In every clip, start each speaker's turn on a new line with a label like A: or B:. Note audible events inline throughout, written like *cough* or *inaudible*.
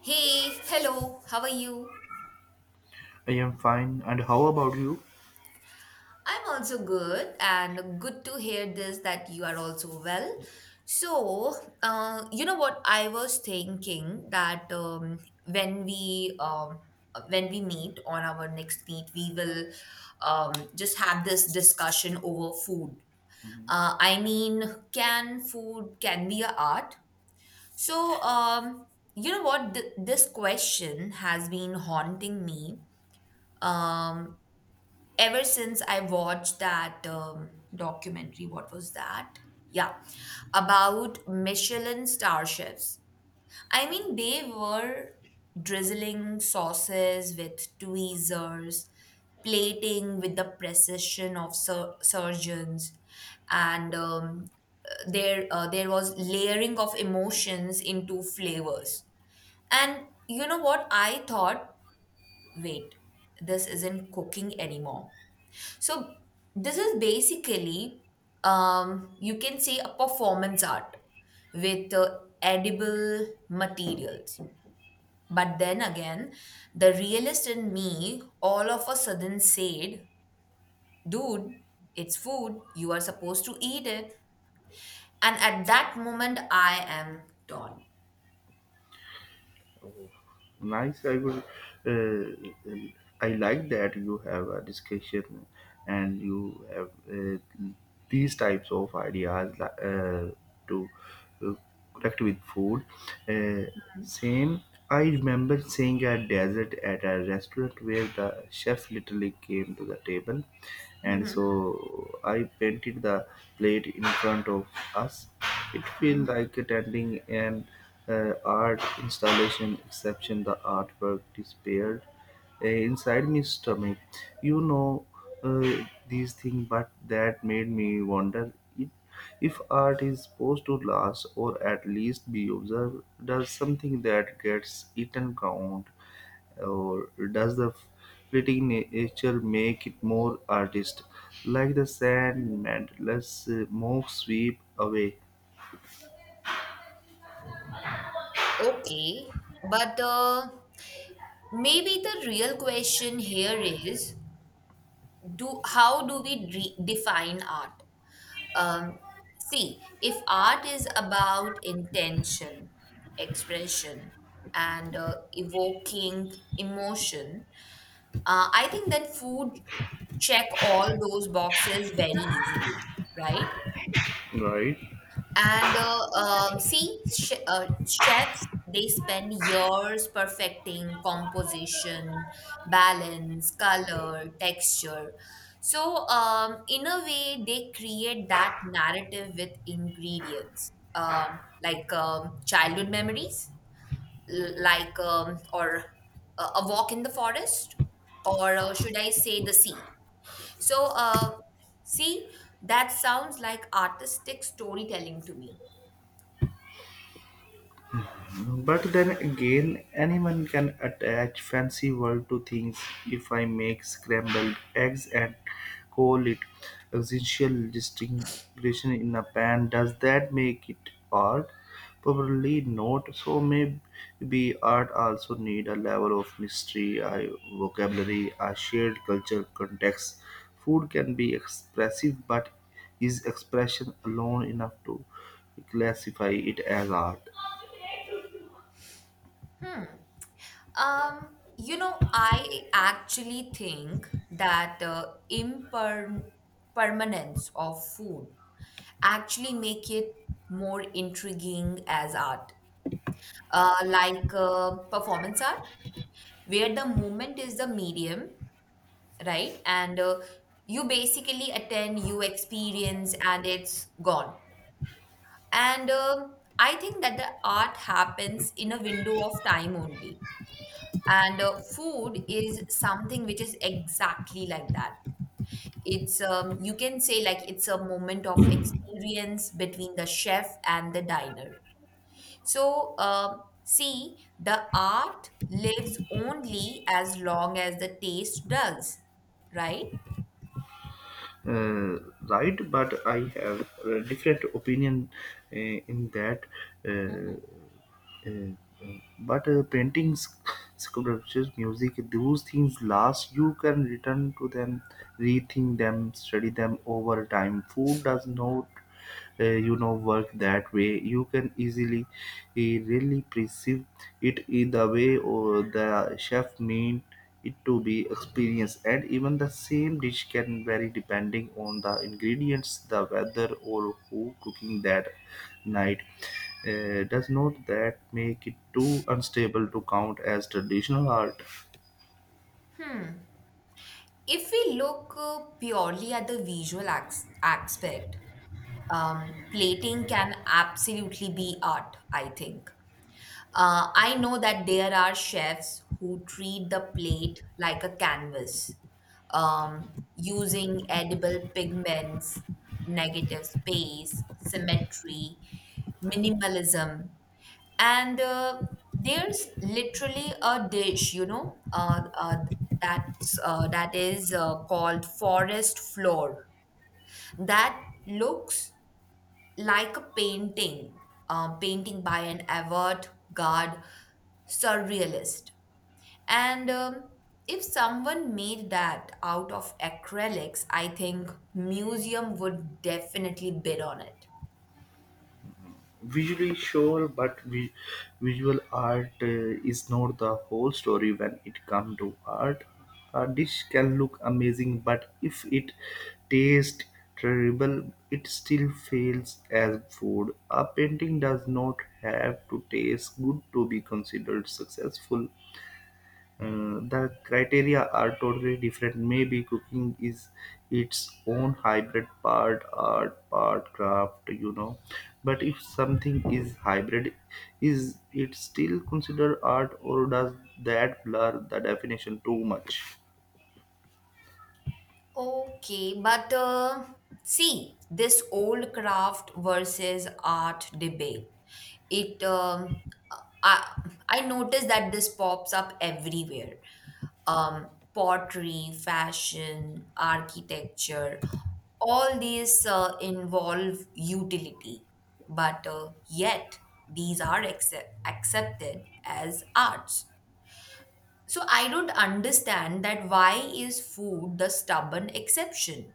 A: Hey, hello, how are you?
B: I am fine. And how about you?
A: I'm also good, and good to hear this that you are also well. So, you know what? I was thinking that when we um, when we meet on our next meet, we will just have this discussion over food.
B: Mhm.
A: Uh, I mean, can food can be a art? So, um, you know what? This question has been haunting me um ever since I watched that documentary, what was that? Yeah, about Michelin star chefs. I mean, they were drizzling sauces with tweezers, plating with the precision of surgeons, and there was layering of emotions into flavors. And you know what I thought? Wait, this isn't cooking anymore. So this is basically, you can say a performance art with edible materials. But then again, the realist in me all of a sudden said, dude, it's food. You are supposed to eat it. And at that moment, I am torn.
B: Oh, nice. I would. Uh, I like that you have a discussion and you have uh, these types of ideas uh, to uh, connect with food. Uh, same. I remember seeing a desert at a restaurant where the chef literally came to the table, and
A: Mhm.
B: so I painted the plate in front of us. It feels like attending an uh, art installation. Exception: the artwork disappeared inside my stomach. You know uh, these things, but that made me wonder if, if art is supposed to last or at least be observed. Does something that gets eaten count, or does the fleeting nature make it more artist? Like the sand, mandless moves sweep away.
A: Okay, but maybe the real question here is do how do we define art, um, see if art is about intention, expression, and evoking emotion. I think that food check all those boxes very easily, right?
B: Right.
A: And uh, um, see, sh uh, chefs, they spend years perfecting composition, balance, color, texture. So, in a way, they create that narrative with ingredients, like childhood memories, like, or a walk in the forest, or should I say the sea? So, see, that sounds like artistic storytelling to me.
B: But then again, anyone can attach fancy word to things. If I make scrambled eggs and call it existential distinction in a pan, does that make it art? Probably not. So maybe art also need a level of mystery, a vocabulary, a shared culture context. Food can be expressive, but is expression alone enough to classify it as art?
A: Hmm. You know, I actually think that the impermanence of food actually make it more intriguing as art, like performance art, where the movement is the medium, right? And you basically attend, you experience, and it's gone. And I think that the art happens in a window of time only. And food is something which is exactly like that. It's, you can say like it's a moment of experience between the chef and the diner. So the art lives only as long as the taste does, right?
B: uh, right, but I have a different opinion, uh, in that, uh, uh, uh, but paintings, sculptures, music, those things last. You can return to them, rethink them, study them over time. Food does not work that way. You can easily really perceive it in the way or the chef mean it to be experienced, and even the same dish can vary depending on the ingredients, the weather, or who cooking that night. Does not that make it too unstable to count as traditional art?
A: If we look purely at the visual acts aspect, plating can absolutely be art, I think. I know that there are chefs who treat the plate like a canvas, using edible pigments, negative space, symmetry, minimalism. And there's literally a dish, you know, that is called forest floor that looks like a painting, painting by an avant-garde surrealist. And if someone made that out of acrylics, I think museum would definitely bid on it.
B: Visually sure, but visual art is not the whole story when it comes to art. A dish can look amazing, but if it tastes terrible, it still fails as food. A painting does not have to taste good to be considered successful. The criteria are totally different. Maybe cooking is its own hybrid, part art, part craft, you know. But if something is hybrid, is it still considered art, or does that blur the definition too much?
A: Okay, this old craft versus art debate, it I I notice that this pops up everywhere. um, Pottery, fashion, architecture, all these involve utility, but yet these are accepted as arts. So I don't understand that why is food the stubborn exception?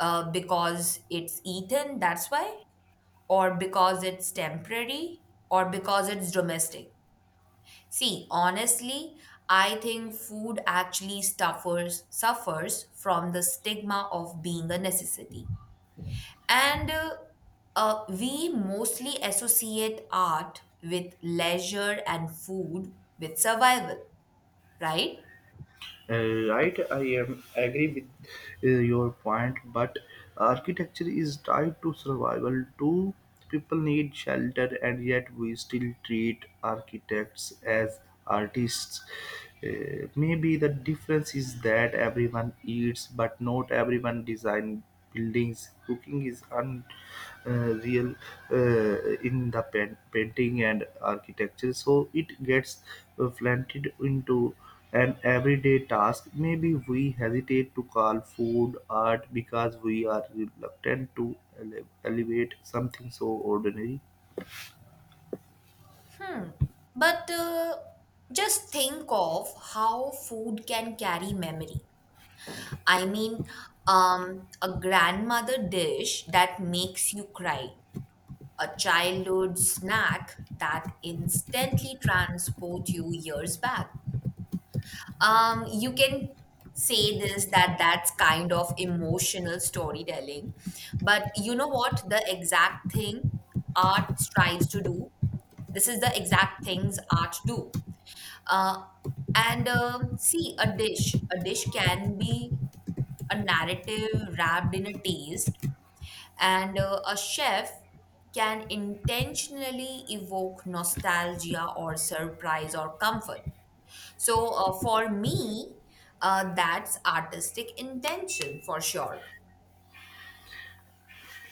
A: Because it's eaten, that's why? Or because it's temporary? Or because it's domestic? See, honestly, I think food actually suffers from the stigma of being a necessity. And we mostly associate art with leisure and food with survival, right?
B: Right, I am agree with your point, but architecture is tied to survival too. People need shelter, and yet we still treat architects as artists. Maybe the difference is that everyone eats, but not everyone design buildings. Cooking is unreal, real, in the painting and architecture, so it gets flaunted into. An everyday task, maybe we hesitate to call food art because we are reluctant to elevate something so ordinary.
A: Hmm. But just think of how food can carry memory. I mean, a grandmother dish that makes you cry, a childhood snack that instantly transports you years back. You can say this that that's kind of emotional storytelling, but you know what? The exact thing art strives to do. This is the exact things art do. Uh, and see, a dish can be a narrative wrapped in a taste, and a chef can intentionally evoke nostalgia or surprise or comfort. So for me, that's artistic intention for sure.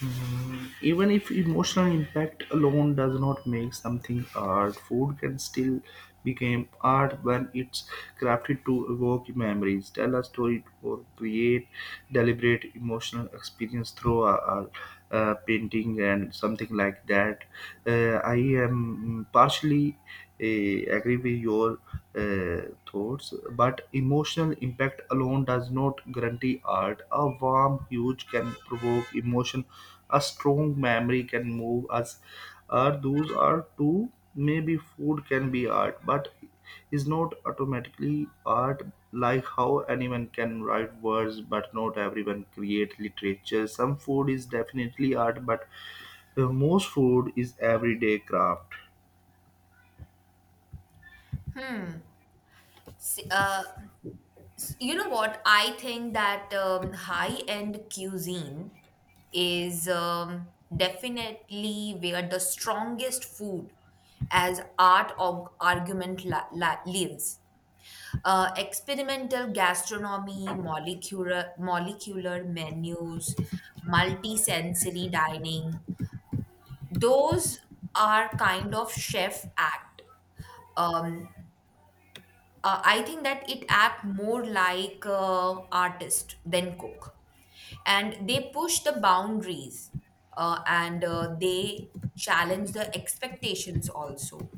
B: Mm, even if emotional impact alone does not make something art, food can still become art when it's crafted to evoke memories, tell a story, or create deliberate emotional experience through a painting and something like that. I am partially I agree with your thoughts, but emotional impact alone does not guarantee art. A warm huge can provoke emotion, a strong memory can move us. Art, those are two. Maybe food can be art, but is not automatically art. Like how anyone can write words, but not everyone create literature. Some food is definitely art, but most food is everyday craft.
A: S- Uh, you know what? I think that high end cuisine is, definitely where the strongest food as art or argument lives. Experimental gastronomy, molecular menus, multisensory dining. Those are kind of chef act. Um, I think that it act more like artist than cook, and they push the boundaries, and they challenge the expectations also.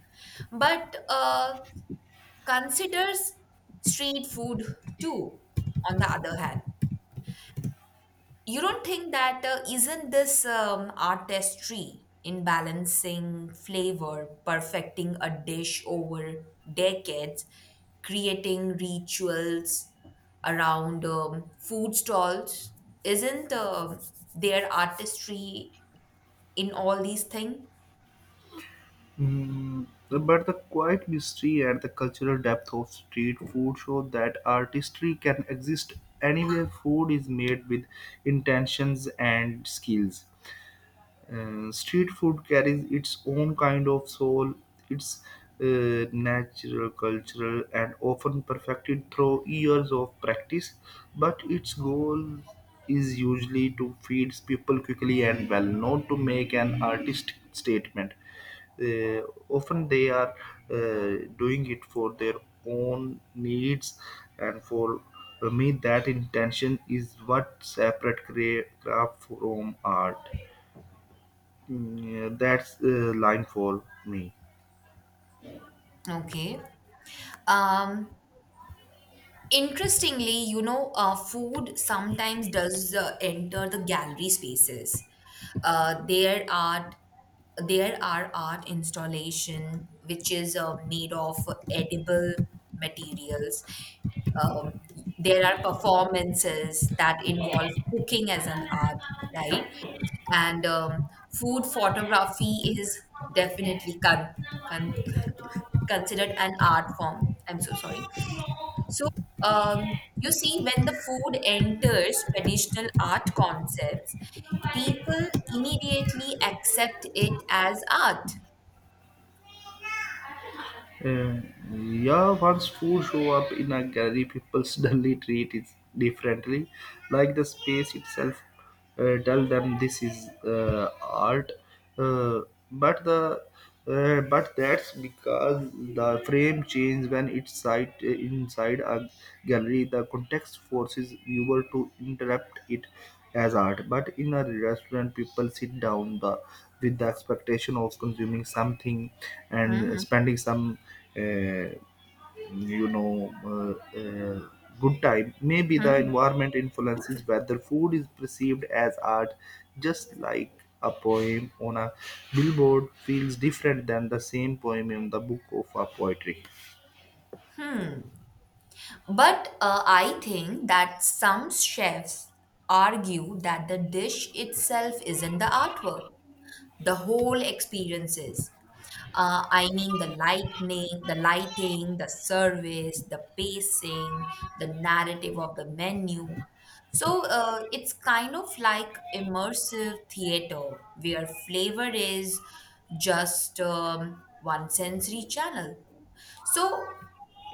A: But considers street food too on the other hand. You don't think that isn't this artistry in balancing flavor, perfecting a dish over decades, creating rituals around food stalls? Isn't there artistry in all these things?
B: Mm, but the quiet mystery and the cultural depth of street food show that artistry can exist anywhere food is made with intentions and skills. And street food carries its own kind of soul. It's natural, cultural, and often perfected through years of practice. But its goal is usually to feed people quickly and well, not to make an artistic statement. Uh, often they are doing it for their own needs, and for me, that intention is what separate craft from art. Yeah, that's a line for me.
A: Okay. um Interestingly, you know, food sometimes does enter the gallery spaces. Uh, there art, there are art installation which is made of edible materials. Um, there are performances that involve cooking as an art, right? And food photography is definitely con- *laughs* *coughs* considered an art form. I'm so sorry. So, you see, when the food enters traditional art concepts, people immediately accept it as art.
B: Uh, yeah, once food show up in a gallery, people *laughs* suddenly treat it differently, like the space itself tell them this is art. Uh, but the but that's because the frame change when it's sight inside a gallery. The context forces viewer to interrupt it as art, but in a restaurant, people sit down with the expectation of consuming something and
A: Hmm.
B: spending some, uh, you know, uh, uh, good time. Maybe the
A: Hmm,
B: environment influences whether food is perceived as art, just like a poem on a billboard feels different than the same poem in the book of a poetry.
A: hmm. But I think that some chefs argue that the dish itself isn't the artwork, the whole experience is. I mean the lightning, the lighting, the service, the pacing, the narrative of the menu. So it's kind of like immersive theater where flavor is just, one sensory channel. So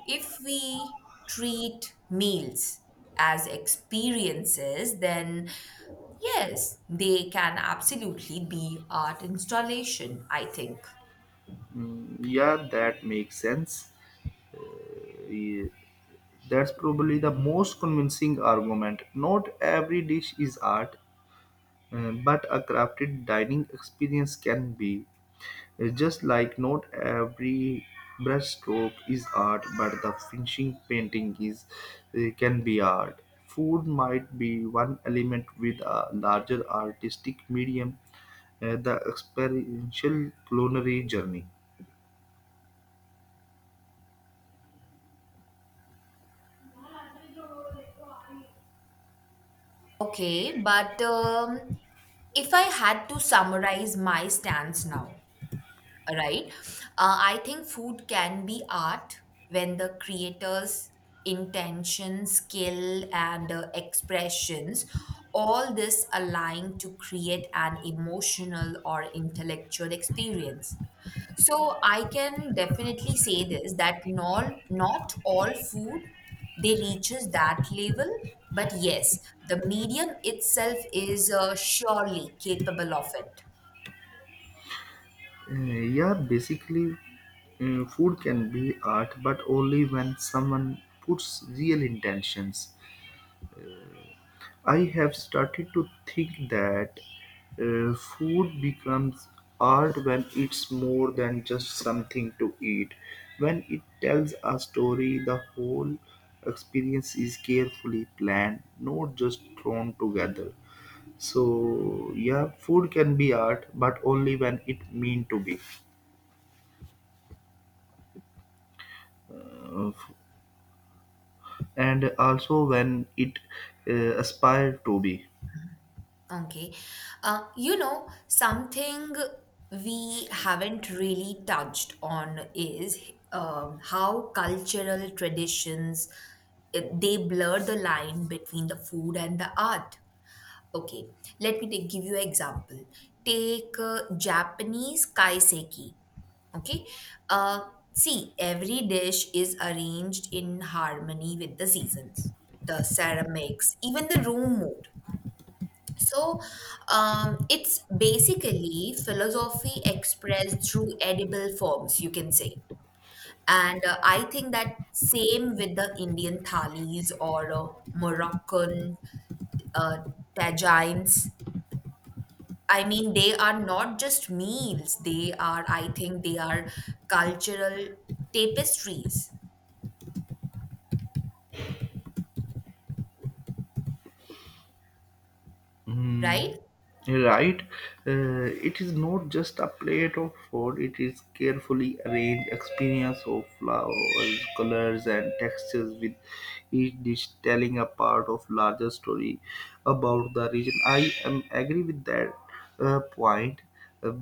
A: if we treat meals as experiences, then yes, they can absolutely be art installation, I think.
B: Mm, yeah, that makes sense. Uh, That's probably the most convincing argument. Not every dish is art, but a crafted dining experience can be. Just like not every brushstroke is art, but the finishing painting is can be art. Food might be one element with a larger artistic medium, the experiential culinary journey.
A: Okay, but if I had to summarize my stance now, right? I think food can be art when the creator's intention, skill, and expressions, all this align to create an emotional or intellectual experience. So I can definitely say this that not all food they reaches that level, but yes, the medium itself is surely capable of it.
B: Yeah, basically, food can be art, but only when someone puts real intentions. I have started to think that food becomes art when it's more than just something to eat. When it tells a story, the whole experience is carefully planned, not just thrown together. So, yeah, food can be art, but only when it mean to be. Uh, and also when it aspired to be.
A: Okay, you know something we haven't really touched on is, how cultural traditions they blur the line between the food and the art. Okay, give you an example. Take Japanese kaiseki. Okay, uh, see, every dish is arranged in harmony with the seasons, the ceramics, even the room mood. So, it's basically philosophy expressed through edible forms, you can say. And I think that same with the Indian thalis or Moroccan uh, tajines. I mean, they are not just meals, they are, I think, they are cultural tapestries, right?
B: Mm, right. It is not just a plate of food, it is carefully arranged experience of flowers, colors, and textures, with each dish telling a part of larger story about the region. I am agree with that point, uh,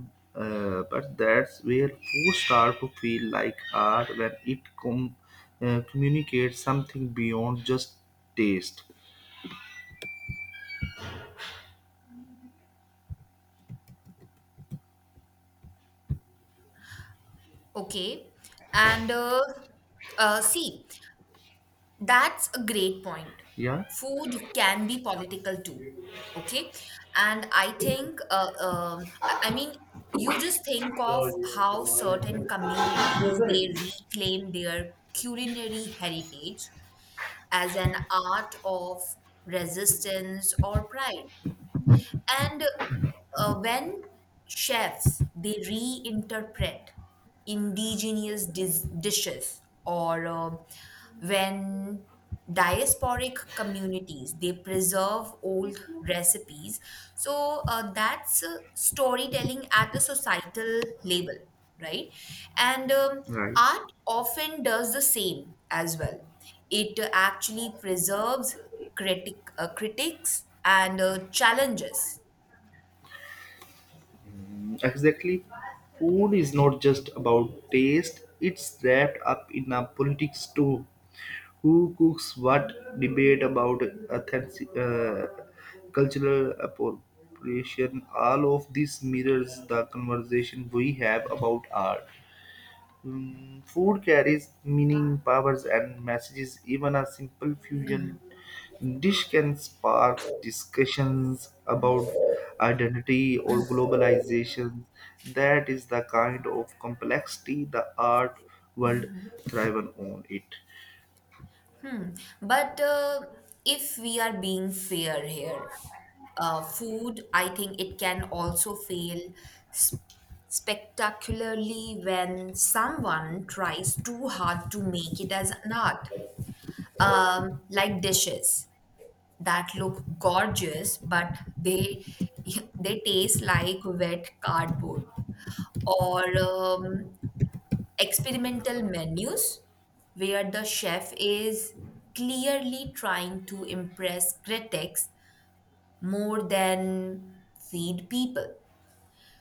B: but that's where food starts to feel like art when it communicates something beyond just taste.
A: Okay. And see, that's a great point.
B: Yeah,
A: Food can be political too. Okay. And I think, I mean, you just think of how certain communities they reclaim their culinary heritage as an art of resistance or pride. And when chefs they reinterpret indigenous dishes, or when diasporic communities they preserve old recipes, so that's storytelling at a societal level, right? And
B: right.
A: art often does the same as well. It actually preserves critics and challenges.
B: Exactly. Food is not just about taste, it's wrapped up in a politics too. Who cooks what, debate about authentic, cultural appropriation, all of this mirrors the conversation we have about art. Mm, food carries meaning, powers, and messages. Even a simple fusion dish can spark discussions about identity or globalization. That is the kind of complexity the art world thrives on. It.
A: Hmm. But if we are being fair here, food, I think it can also fail s- spectacularly when someone tries too hard to make it as an art. Like dishes that look gorgeous, but they *laughs* they taste like wet cardboard, or experimental menus where the chef is clearly trying to impress critics more than feed people.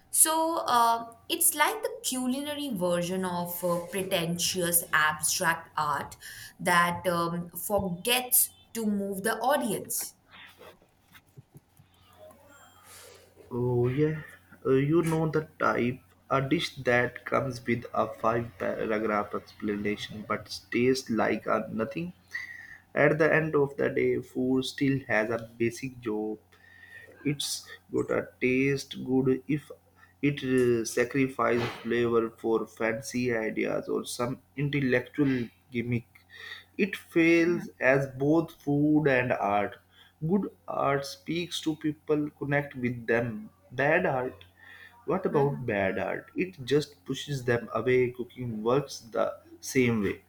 A: So it's like the culinary version of pretentious abstract art that forgets to move the audience.
B: Oh yeah, you know the type. A dish that comes with a five-paragraph explanation but tastes like a nothing. At the end of the day, food still has a basic job. It's got a taste good. If it sacrifices flavor for fancy ideas or some intellectual gimmick, it fails as both food and art. Good art speaks to people, connect with them. Bad art, what about bad art? It just pushes them away. Cooking works the same way.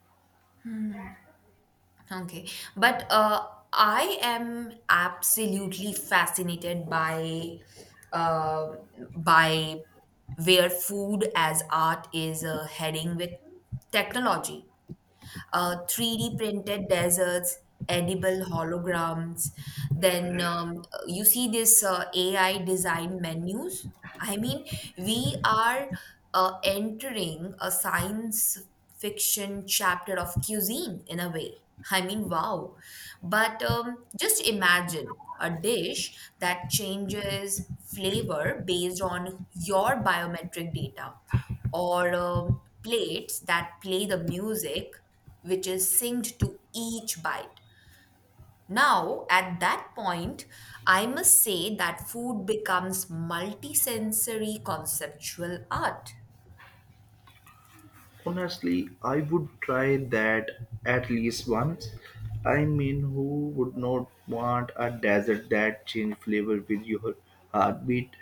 A: Okay. But I am absolutely fascinated by uh, by where food as art is heading with technology. 3D printed deserts, edible holograms. Then you see this AI design menus. I mean, we are entering a science fiction chapter of cuisine in a way. I mean, wow. But just imagine a dish that changes flavor based on your biometric data, or plates that play the music which is synced to each bite. Now, at that point, I must say that food becomes multisensory conceptual art.
B: Honestly, I would try that at least once. I mean, who would not want a desert that change flavor with your heartbeat?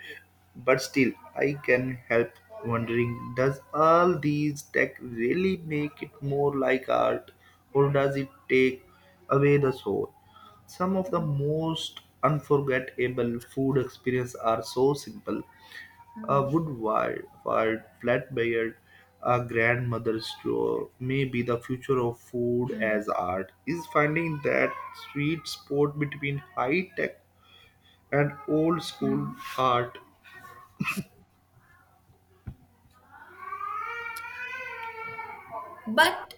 B: But still, I can help wondering, does all these tech really make it more like art, or does it take away the soul? Some of the most unforgettable food experiences are so simple, a wood-fired flatbread, a grandmother's drawer. May be the future of food as art is finding that sweet spot between high tech and old school art.
A: But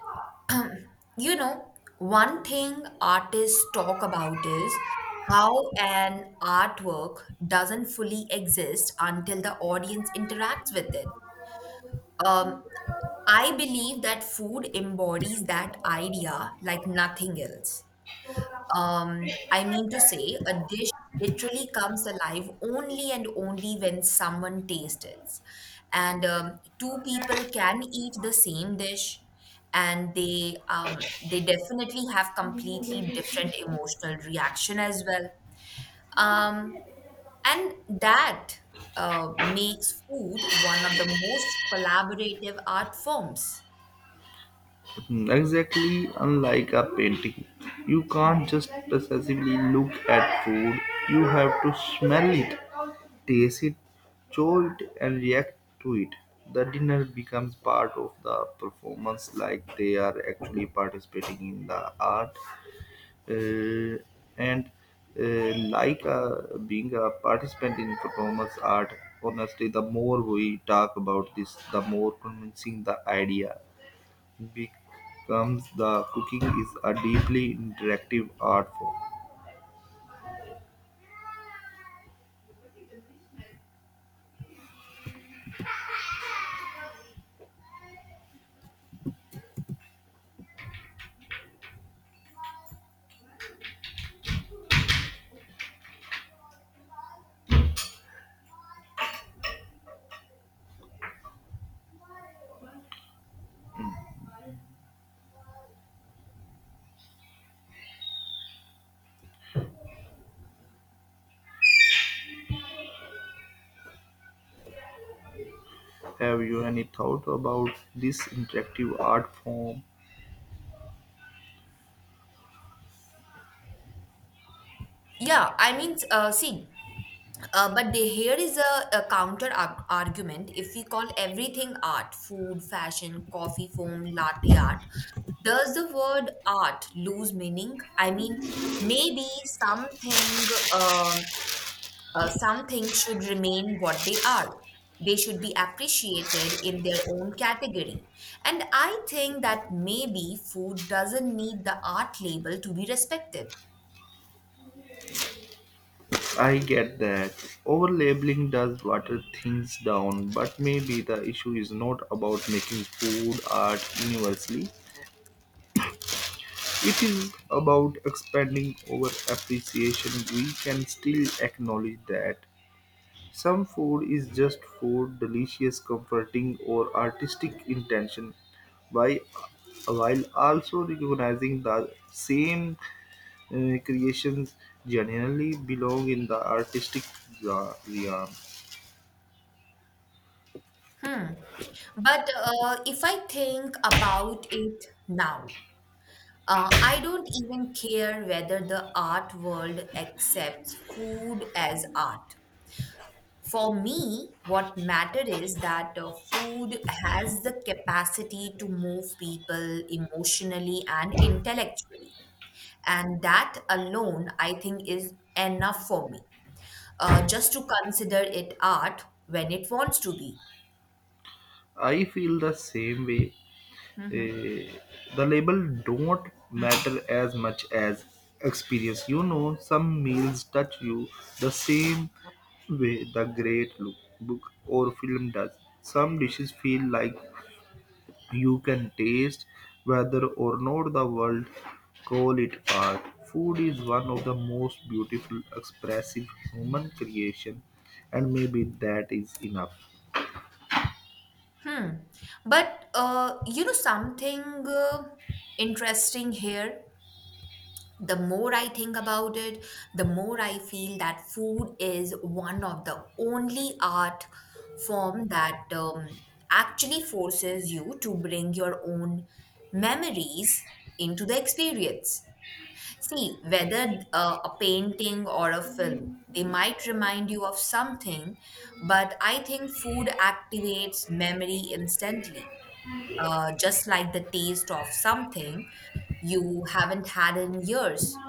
A: you know, one thing artists talk about is how an artwork doesn't fully exist until the audience interacts with it. Um, I believe that food embodies that idea like nothing else. I mean to say, a dish literally comes alive only and only when someone tastes it. And two people can eat the same dish, and they definitely have completely different emotional reaction as well. Um, and that makes food one of the most collaborative art forms.
B: Hmm, exactly, unlike a painting, you can't just passively look at food. You have to smell it, taste it, jolt it, and react to it. The dinner becomes part of the performance, like they are actually participating in the art, uh, and like being a participant in performance art. Honestly, the more we talk about this, the more convincing the idea becomes the cooking is a deeply interactive art form. Have you any thought about this interactive art form?
A: Yeah, here is a, counter argument. If we call everything art, food, fashion, coffee foam, latte art, does the word art lose meaning? I mean, maybe something, uh, something should remain what they are. They should be appreciated in their own category. And I think that maybe food doesn't need the art label to be respected.
B: I get that overlabeling does water things down, but maybe the issue is not about making food art universally. It is about expanding our appreciation. We can still acknowledge that some food is just food, delicious, comforting, or artistic intention, by, while also recognizing the same creations generally belong in the artistic realm.
A: Hmm. But if I think about it now, I don't even care whether the art world accepts food as art. For me, what matters is that food has the capacity to move people emotionally and intellectually. And that alone, I think, is enough for me, just to consider it art when it wants to be.
B: I feel the same way, eh, the label don't matter as much as experience. You know, some meals touch you the same way the great look, book or film does. Some dishes feel like you can taste. Whether or not the world call it art, food is one of the most beautiful expressive human creation, and maybe that is enough.
A: Hmm. But you know something uh, interesting here? The more I think about it, the more I feel that food is one of the only art form that actually forces you to bring your own memories into the experience. See, whether a painting or a film, they might remind you of something, but I think food activates memory instantly, just like the taste of something you haven't had in years,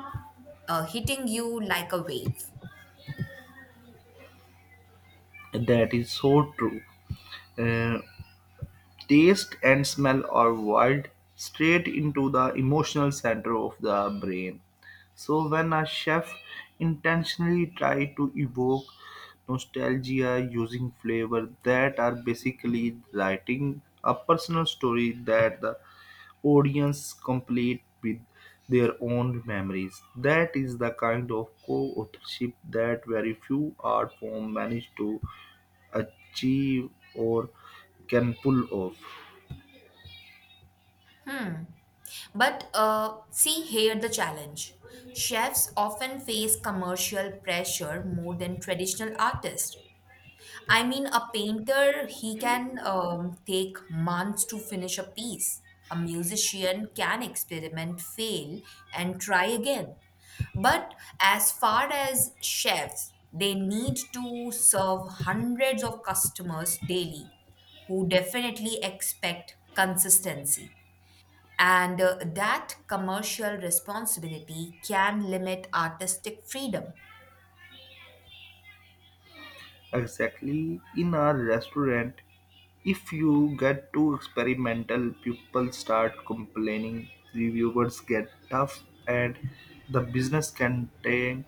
A: hitting you like a wave.
B: That is so true. Uh, Taste and smell are wired straight into the emotional center of the brain. So when a chef intentionally try to evoke nostalgia using flavor that are basically writing a personal story that the audience complete with their own memories. That is the kind of co-authorship that very few art form manage to achieve or can pull off.
A: But see here the challenge. Chefs often face commercial pressure more than traditional artists. I mean, a painter, he can take months to finish a piece. A musician can experiment, fail, and try again. But as far as chefs, they need to serve hundreds of customers daily who definitely expect consistency. And that commercial responsibility can limit artistic freedom.
B: Exactly. In our restaurant, if you get too experimental, people start complaining, reviewers get tough, and the business can tank.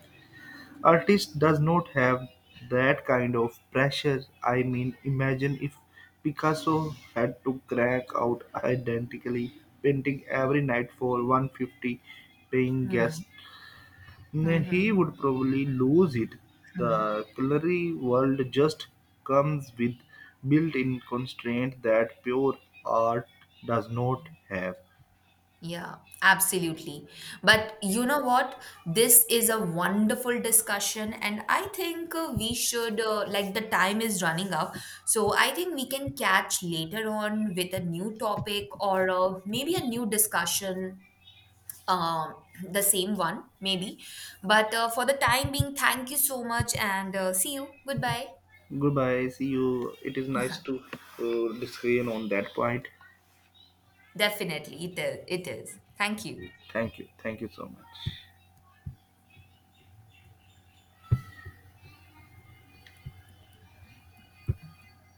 B: Artist does not have that kind of pressure. I mean, imagine if Picasso had to crank out identically painting every night for 150 paying
A: Hmm.
B: guests, then he
A: Mhm.
B: would probably lose it.
A: Hmm.
B: The culinary world just comes with built in constraint that pure art does not have.
A: Yeah, absolutely. But you know what? This is a wonderful discussion, and I think we should, like, the time is running up. So I think we can catch later on with a new topic or maybe a new discussion, the same one, maybe. But for the time being, thank you so much and see you. Goodbye.
B: Goodbye, see you. It is nice to disagree on that point.
A: Definitely, it is. It is. Thank you.
B: Okay. Thank you. Thank you so much.